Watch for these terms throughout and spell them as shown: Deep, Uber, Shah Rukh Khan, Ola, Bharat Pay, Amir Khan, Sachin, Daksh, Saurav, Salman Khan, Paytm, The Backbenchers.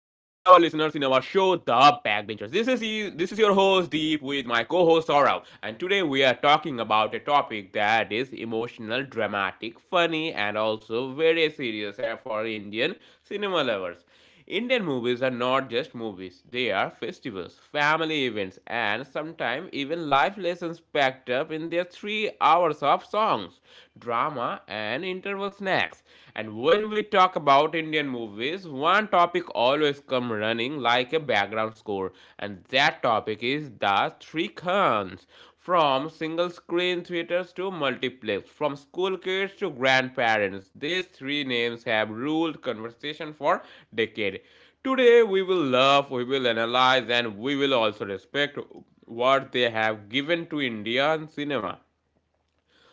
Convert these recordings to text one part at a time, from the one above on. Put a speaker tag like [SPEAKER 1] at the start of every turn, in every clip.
[SPEAKER 1] The Backbenchers. This is your host Deep with my co-host Saurav, and today we are talking about a topic that is emotional, dramatic, funny, and also very serious for Indian cinema lovers. Indian movies are not just movies, they are festivals, family events, and sometimes even life lessons packed up in their 3 hours of songs, drama, and interval snacks. And when we talk about Indian movies, one topic always comes running like a background score, and that topic is the three khans. From single screen theaters to multiplex, from school kids to grandparents, these three names have ruled conversation for decades. Today we will love, we will analyze, and we will also respect what they have given to Indian cinema.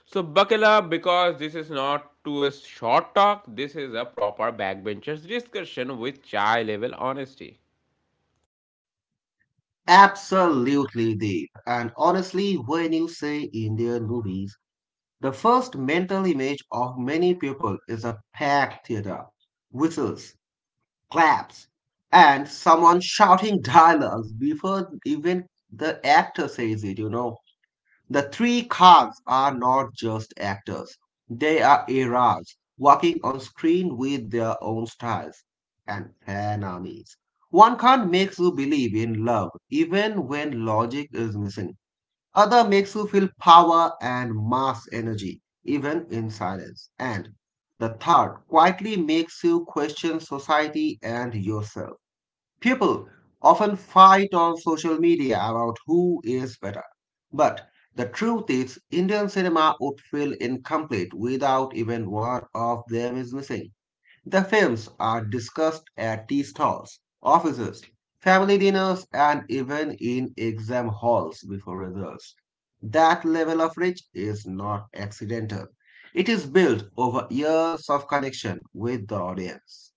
[SPEAKER 1] So buckle up because this is not to a short talk, this is a proper backbenchers discussion with chai level honesty.
[SPEAKER 2] Absolutely, Deep. And honestly, when you say Indian movies, the first mental image of many people is a packed theater, whistles, claps, and someone shouting dialogues before even the actor says it. The three cars are not just actors, they are eras working on screen with their own styles and fan armies. One card makes you believe in love even when logic is missing. Other makes you feel power and mass energy even in silence. And the third quietly makes you question society and yourself. People often fight on social media about who is better. But the truth is, Indian cinema would feel incomplete without even one of them is missing. The films are discussed at tea stalls, offices, family dinners, and even in exam halls before results. That level of reach is not accidental. It is built over years of connection with the audience.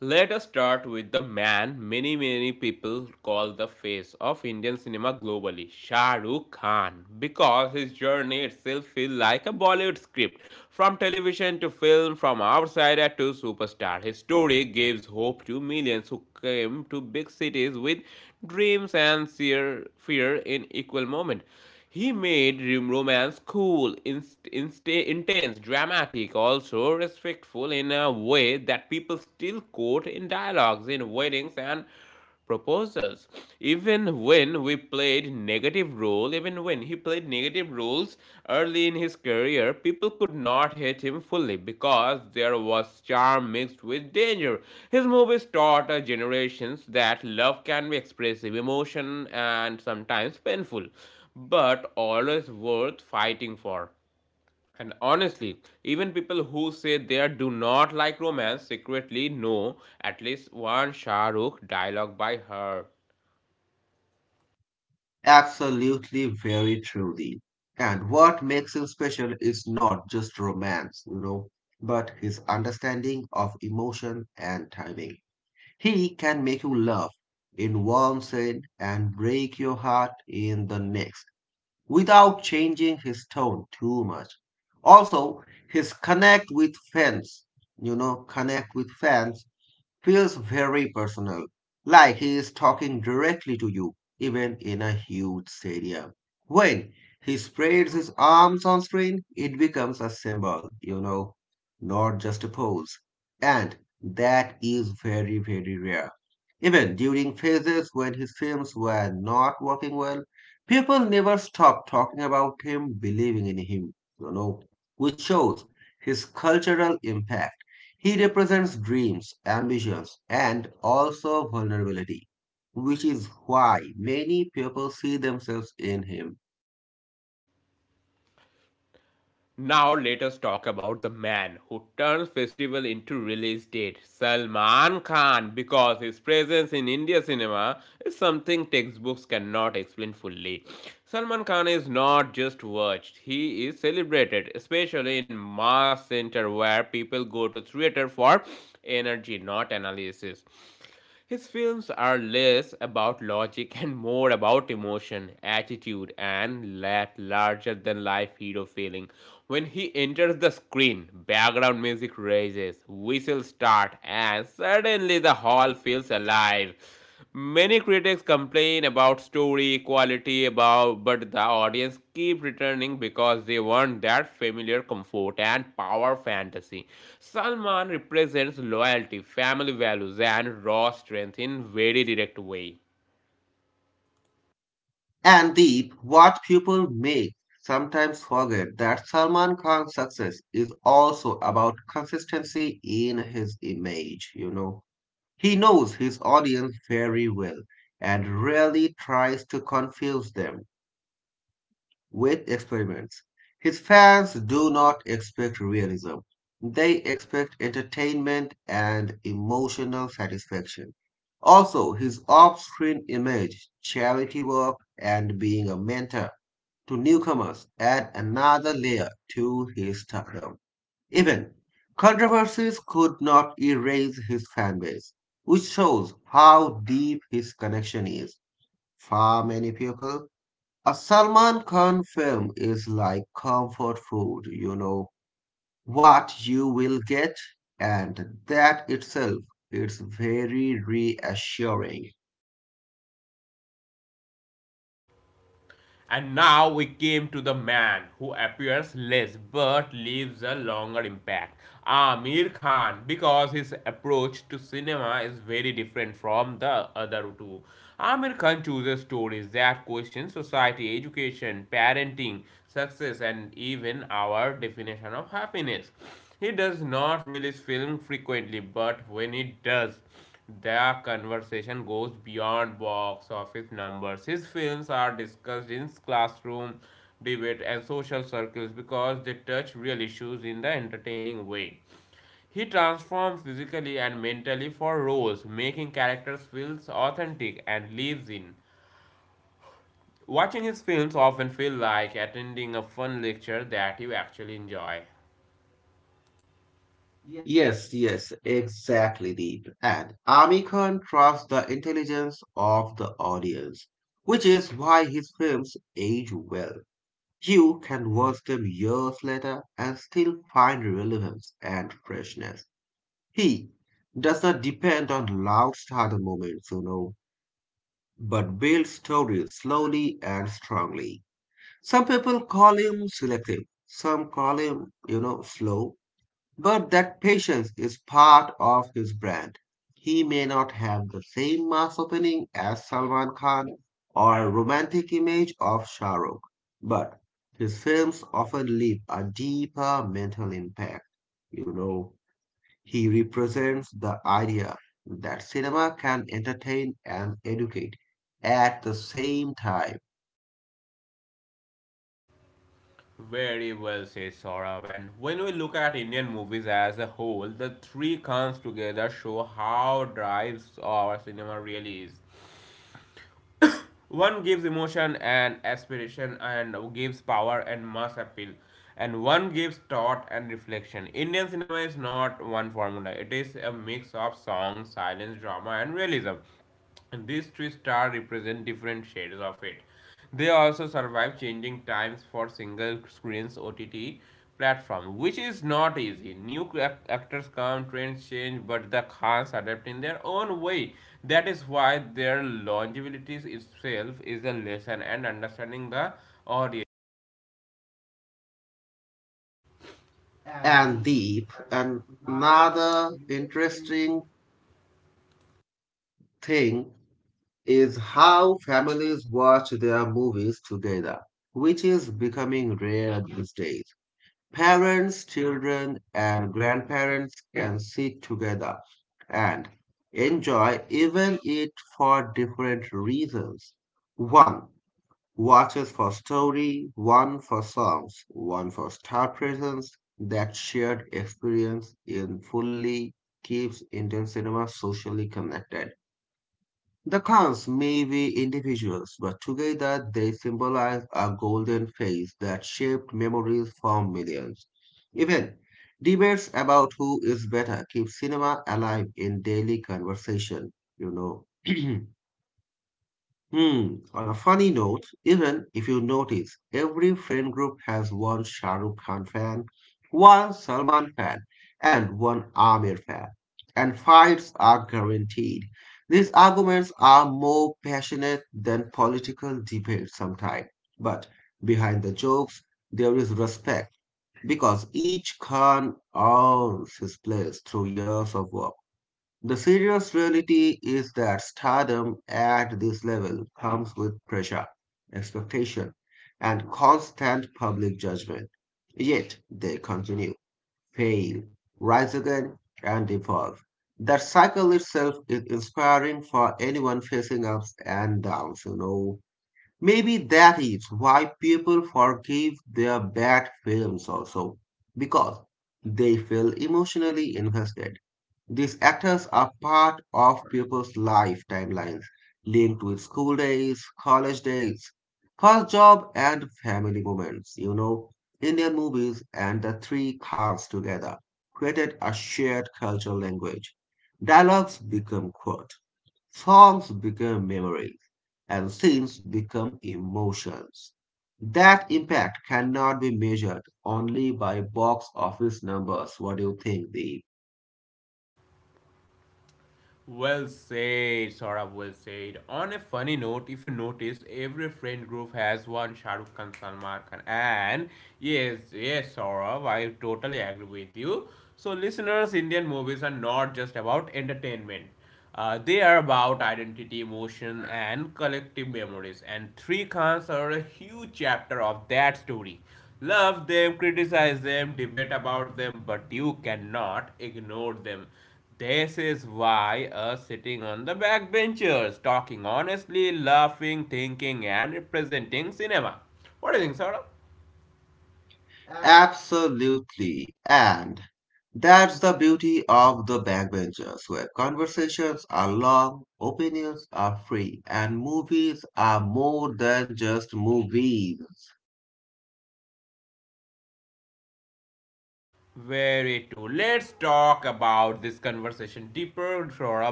[SPEAKER 1] Let us start with the man many people call the face of Indian cinema globally, Shah Rukh Khan, because his journey itself feels like a Bollywood script. From television to film, from outsider to superstar, his story gives hope to millions who came to big cities with dreams and sheer fear in equal moment. He made romance cool, intense, dramatic, also respectful in a way that people still quote in dialogues, in weddings, and proposals even when he played negative roles early in his career, people could not hate him fully because there was charm mixed with danger. His movies taught our generations that love can be expressive emotion and sometimes painful, but always worth fighting for. And honestly, even people who say they do not like romance secretly know at least one Shah Rukh dialogue by her.
[SPEAKER 2] Absolutely, very truly. And what makes him special is not just romance, but his understanding of emotion and timing. He can make you laugh in one scene and break your heart in the next without changing his tone too much. Also, his connect with fans feels very personal, like he is talking directly to you, even in a huge stadium. When he spreads his arms on screen, it becomes a symbol, not just a pose. And that is very, very rare. Even during phases when his films were not working well, people never stopped talking about him, believing in him, you know, which shows his cultural impact. He represents dreams, ambitions, and also vulnerability, which is why many people see themselves in him.
[SPEAKER 1] Now let us talk about the man who turns festival into release date, Salman Khan, because his presence in India cinema is something textbooks cannot explain fully. Salman Khan is not just watched, he is celebrated, especially in mass center where people go to theater for energy, not analysis. His films are less about logic and more about emotion, attitude, and that larger than life hero feeling. When he enters the screen, background music raises, whistles start, and suddenly the hall feels alive. Many critics complain about story quality about but the audience keep returning because they want that familiar comfort and power fantasy. Salman represents loyalty, family values and raw strength in very direct way.
[SPEAKER 2] And Deep, what people make sometimes forget that Salman Khan's success is also about consistency in his image. He knows his audience very well and rarely tries to confuse them with experiments. His fans do not expect realism, they expect entertainment and emotional satisfaction. Also, his off screen image, charity work, and being a mentor to newcomers add another layer to his stardom. Even controversies could not erase his fanbase, which shows how deep his connection is. For many people, a Salman Khan film is like comfort food, what you will get, and that itself is very reassuring. Yes, yes, exactly, Deep. And Ami Khan trusts the intelligence of the audience, which is why his films age well. You can watch them years later and still find relevance and freshness. He does not depend on loud starter moments, but builds stories slowly and strongly. Some people call him selective, some call him slow, but that patience is part of his brand. He may not have the same mass opening as Salman Khan or romantic image of Shah Rukh, but his films often leave a deeper mental impact, you know. He represents the idea that cinema can entertain and educate at the same time. And Deep, and another interesting thing is how families watch their movies together, which is becoming rare these days. Parents, children, and grandparents can sit together and enjoy even it for different reasons. 1. Watches for story, one for songs, one for star presence. That shared experience in fully keeps Indian cinema socially connected. The cons may be individuals, but together they symbolize a golden phase that shaped memories for millions. Even debates about who is better keep cinema alive in daily conversation, you know. Hmm. On a funny note, even if you notice, every friend group has one Shah Rukh Khan fan, one Salman fan, and one Amir fan. And fights are guaranteed. These arguments are more passionate than political debates sometimes. But behind the jokes, there is respect because each Khan earns his place through years of work. The serious reality is that stardom at this level comes with pressure, expectation, and constant public judgment. Yet they continue, fail, rise again, and evolve. That cycle itself is inspiring for anyone facing ups and downs. Maybe that is why people forgive their bad films also, because they feel emotionally invested these actors are part of people's life timelines, linked with school days, college days, first job, and family moments. Indian movies and the three Khans together created a shared cultural language. Dialogues become quote, songs become memories, and scenes become emotions. That impact cannot be measured only by box office numbers. What do you think, Deep? Absolutely. And that's the beauty of the backbenchers, where conversations are long, opinions are free, and movies are more than just movies.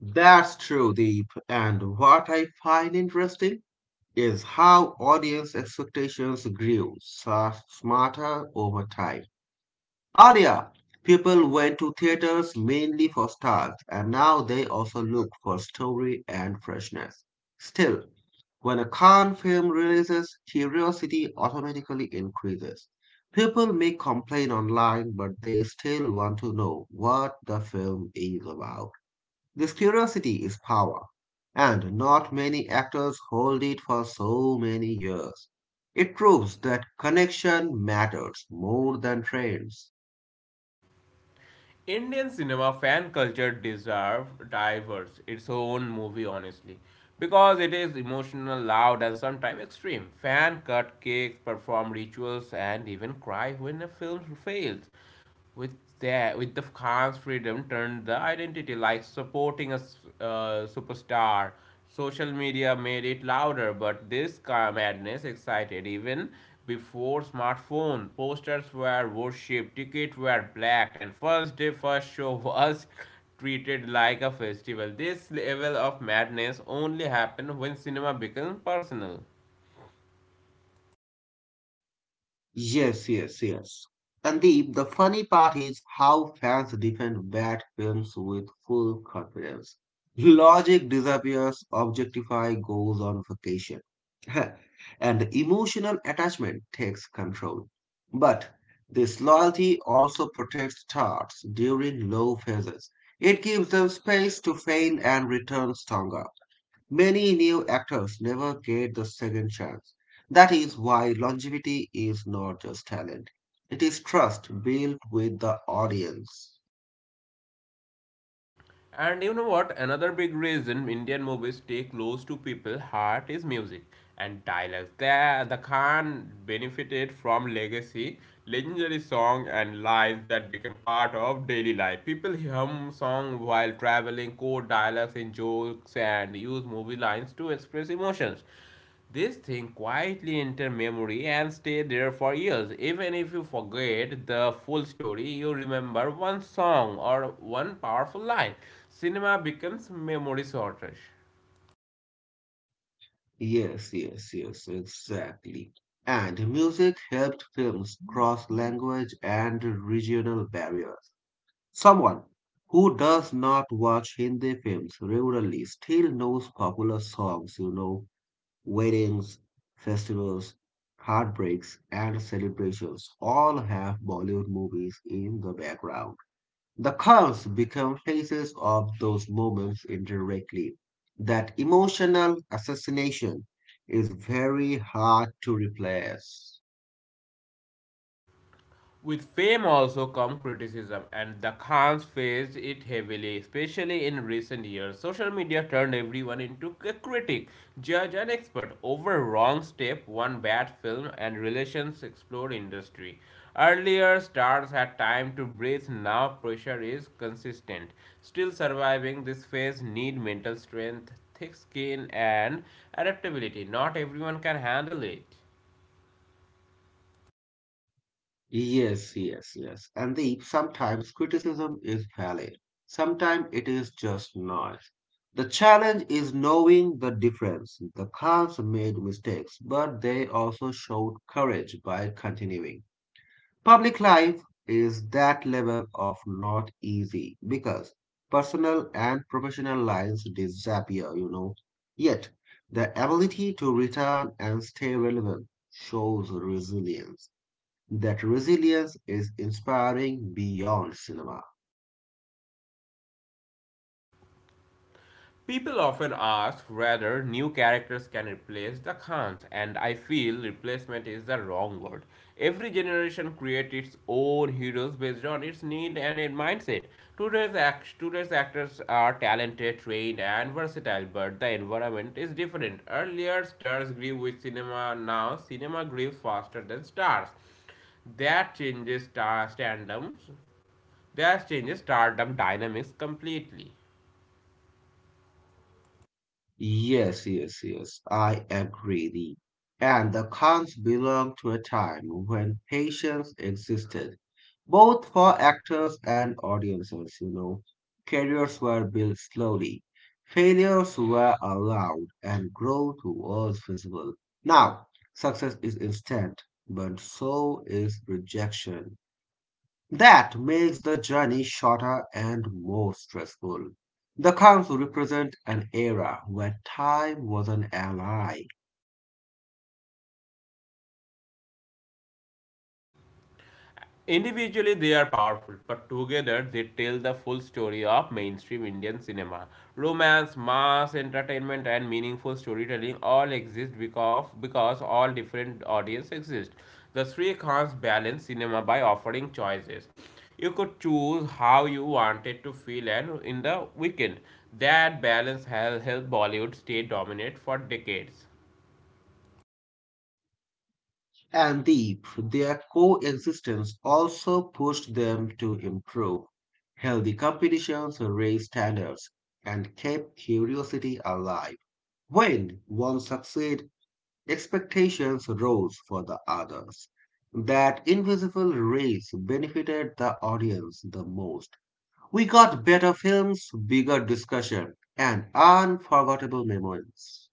[SPEAKER 2] That's true, Deep. And what I find interesting is how audience expectations grew smarter over time. Earlier, people went to theaters mainly for stars, and now they also look for story and freshness. Still, when a Khan film releases, curiosity automatically increases. People may complain online, but they still want to know what the film is about. This curiosity is power, and not many actors hold it for so many years. It proves that connection matters more than trends. Yes, yes, yes. Sandeep, the funny part is how fans defend bad films with full confidence. Logic disappears, Objectify goes on vacation, and emotional attachment takes control. But this loyalty also protects stars during low phases. It gives them space to fail and return stronger. Many new actors never get the second chance. That is why longevity is not just talent, it is trust built with the audience. Yes, yes, yes, exactly. And music helped films cross language and regional barriers. Someone who does not watch Hindi films regularly still knows popular songs. Weddings, festivals, heartbreaks, and celebrations all have Bollywood movies in the background. The cars become faces of those moments indirectly. That emotional assassination is very hard to replace. Yes, yes, yes. And the sometimes criticism is valid. Sometimes it is just noise. The challenge is knowing the difference. The Khans made mistakes, but they also showed courage by continuing. Public life is that level of not easy because personal and professional lines disappear. Yet, the ability to return and stay relevant shows resilience that resilience is inspiring beyond cinema. Yes, yes, yes, I agree. And the Khans belong to a time when patience existed, both for actors and audiences. Careers were built slowly, failures were allowed, and growth was visible. Now, success is instant, but so is rejection. That makes the journey shorter and more stressful. The camps represent an era where time was an ally, and their coexistence also pushed them to improve. Healthy competitions raised standards and kept curiosity alive. When one succeeds, expectations rose for the others. That invisible race benefited the audience the most. We got better films, bigger discussion, and unforgettable memories.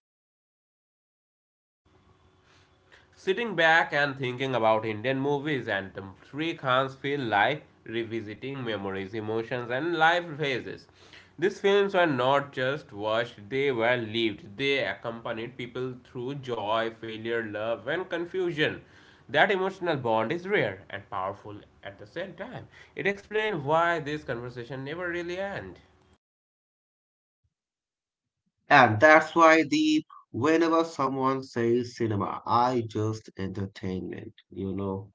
[SPEAKER 2] And that's why, Deep, whenever someone says cinema, I just entertainment,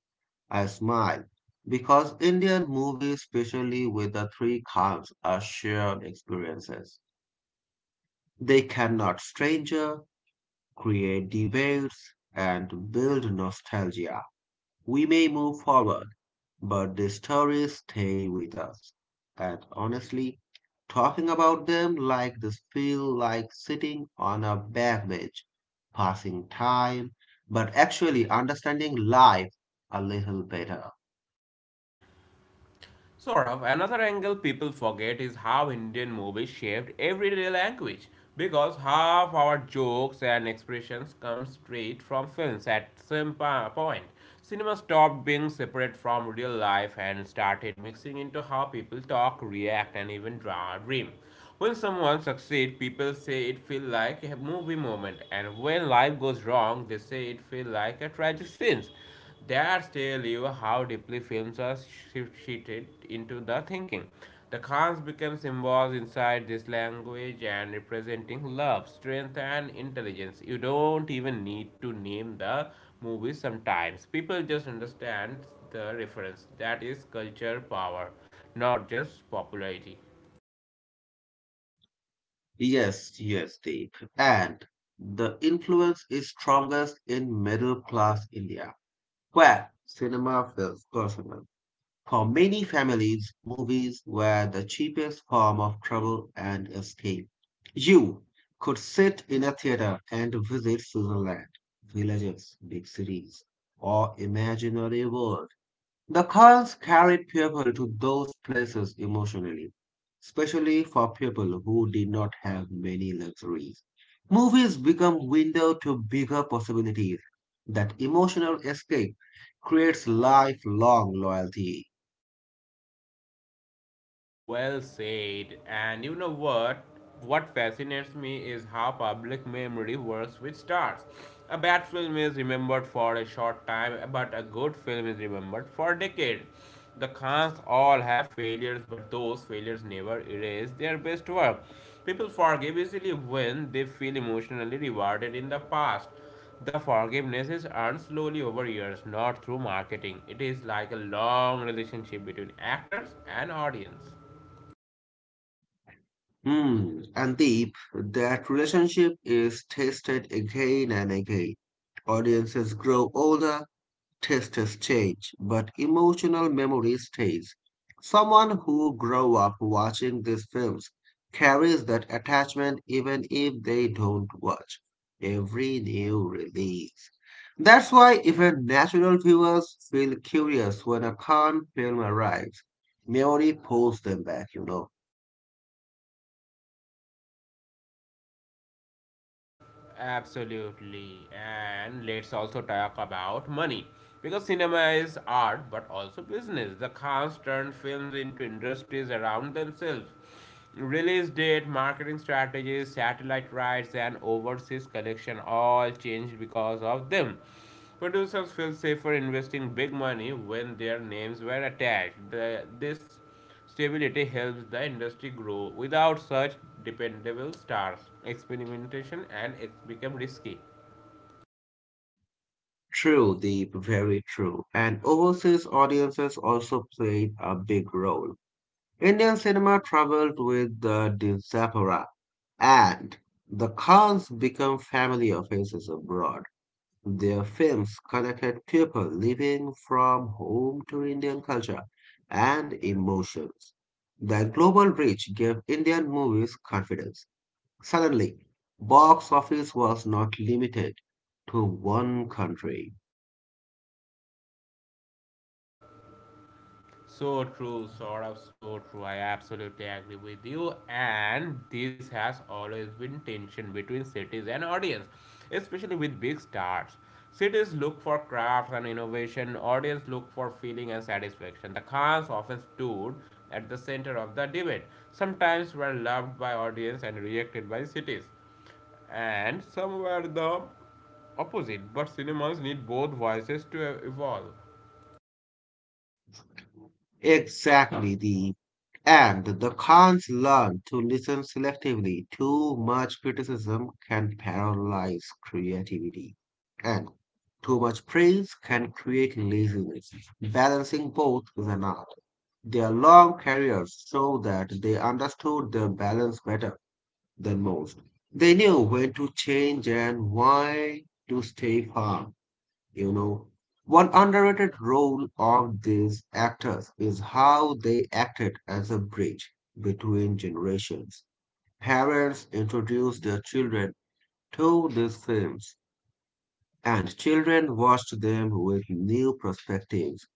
[SPEAKER 2] I smile. Because Indian movies, especially with the three khans, are shared experiences. They cannot stranger, create debates, and build nostalgia. We may move forward, but these stories stay with us. And honestly, talking about them like this feel like sitting on a back bench, passing time, but actually understanding life a little better. Yes, yes, Deep. And the influence is strongest in middle class India, where cinema feels personal. For many families, movies were the cheapest form of travel and escape. You could sit in a theater and visit Switzerland, villages, big cities, or imaginary world. The cars carried people to those places emotionally, especially for people who did not have many luxuries. Movies become window to bigger possibilities. That emotional escape creates lifelong loyalty. Hmm. And Deep, that relationship is tested again and again. Audiences grow older, tastes change, but emotional memory stays. Someone who grew up watching these films carries that attachment even if they don't watch every new release. That's why even natural viewers feel curious when a Khan film arrives. Memory pulls them back. True, Deep, very true. And overseas audiences also played a big role. Indian cinema traveled with the diaspora, and the Khans became family offices abroad. Their films connected people living from home to Indian culture and emotions. The global reach gave Indian movies confidence. Suddenly, box office was not limited to one country. Exactly the and the Khans learn to listen selectively. Too much criticism can paralyze creativity, and too much praise can create laziness. Balancing both is an art. Their long careers show that they understood their balance better than most. They knew when to change and why to stay firm. You know, One underrated role of these actors is how they acted as a bridge between generations. Parents introduced their children to these films, and children watched them with new perspectives.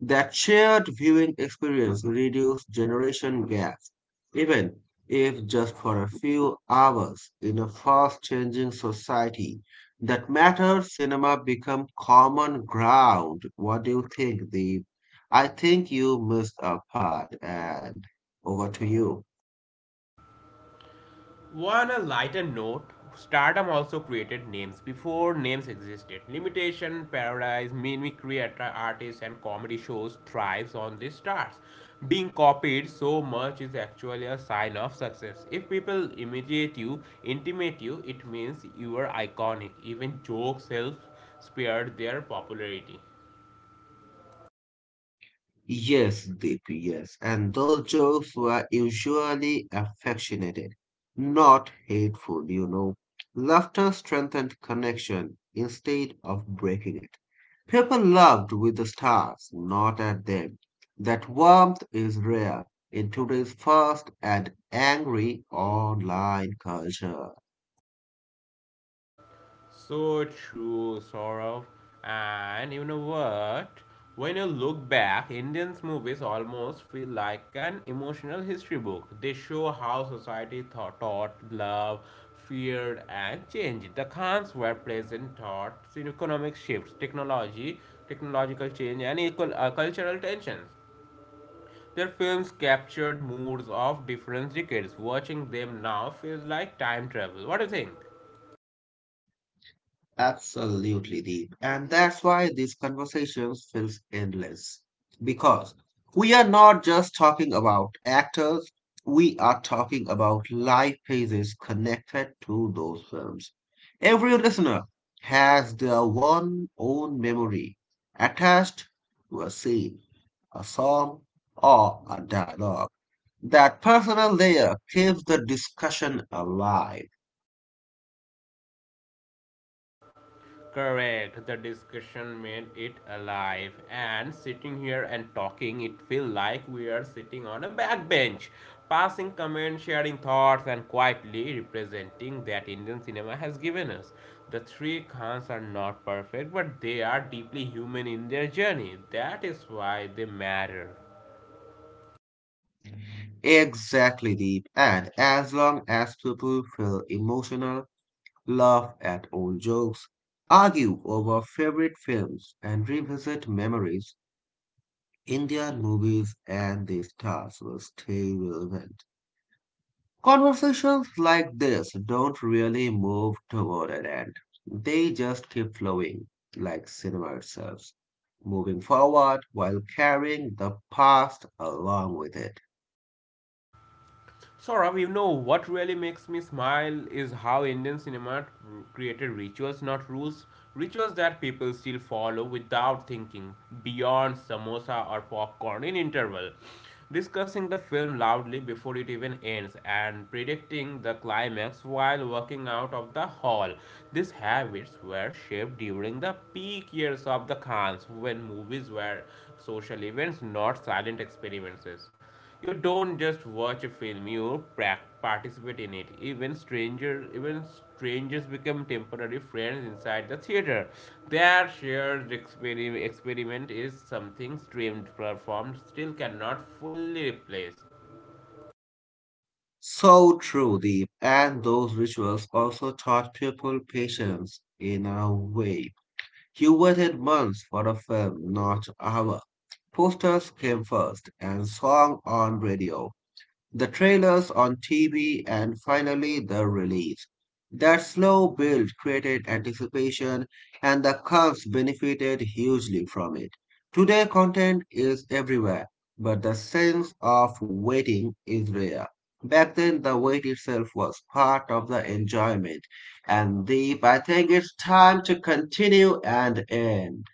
[SPEAKER 2] That shared viewing experience reduces generation gaps, even if just for a few hours. In a fast changing society that matters, cinema become common ground. What do you think, Deep? I think you missed a part, and over to you. Yes, Deep, yes. And those jokes were usually affectionate, not hateful, you know. Laughter strengthened connection instead of breaking it. People loved with the stars, not at them. That warmth is rare in today's fast and angry online culture. Absolutely, Deep. And that's why these conversations feels endless. Because we are not just talking about actors, we are talking about life phases connected to those films. Every listener has their one own memory attached to a scene, a song, or a dialogue. That personal layer keeps the discussion alive. Exactly, Deep. And as long as people feel emotional, laugh at old jokes, argue over favorite films, and revisit memories, Indian movies and their stars will stay relevant. Conversations like this don't really move toward an end. They just keep flowing, like cinema itself, moving forward while carrying the past along with it. So true, Deep. And those rituals also taught people patience in a way. You waited months for a film, not hour. Posters came first, and song on radio the trailers on TV, and finally the release. That slow build created anticipation, and the cons benefited hugely from it. Today, content is everywhere, but the sense of waiting is rare. Back then, the wait itself was part of the enjoyment. And Deep, I think it's time to continue and end.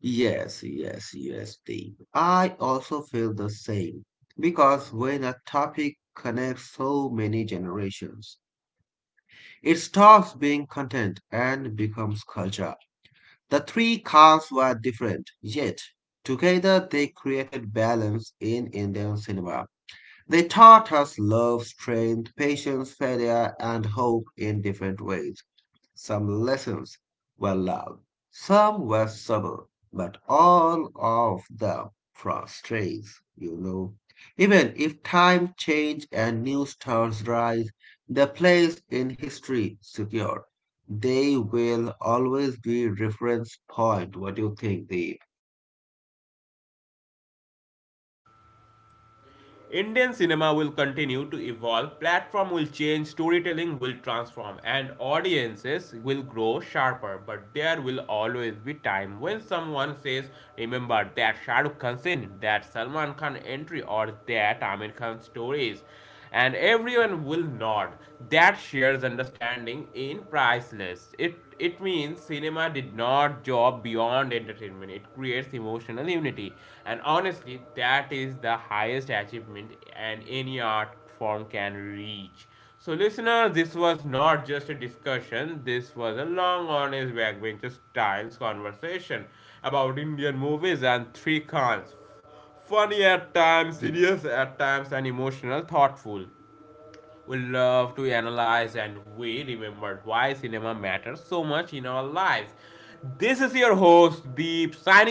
[SPEAKER 2] Yes, yes, yes, Deep. I also feel the same because when a topic connects so many generations, it stops being content and becomes culture. The three cars were different, yet together they created balance in Indian cinema. They taught us love, strength, patience, failure, and hope in different ways. Some lessons were loud, some were subtle, but all of them frustrates. Even if time change and new stars rise, the place in history secure. They will always be reference point. What do you think, Deep?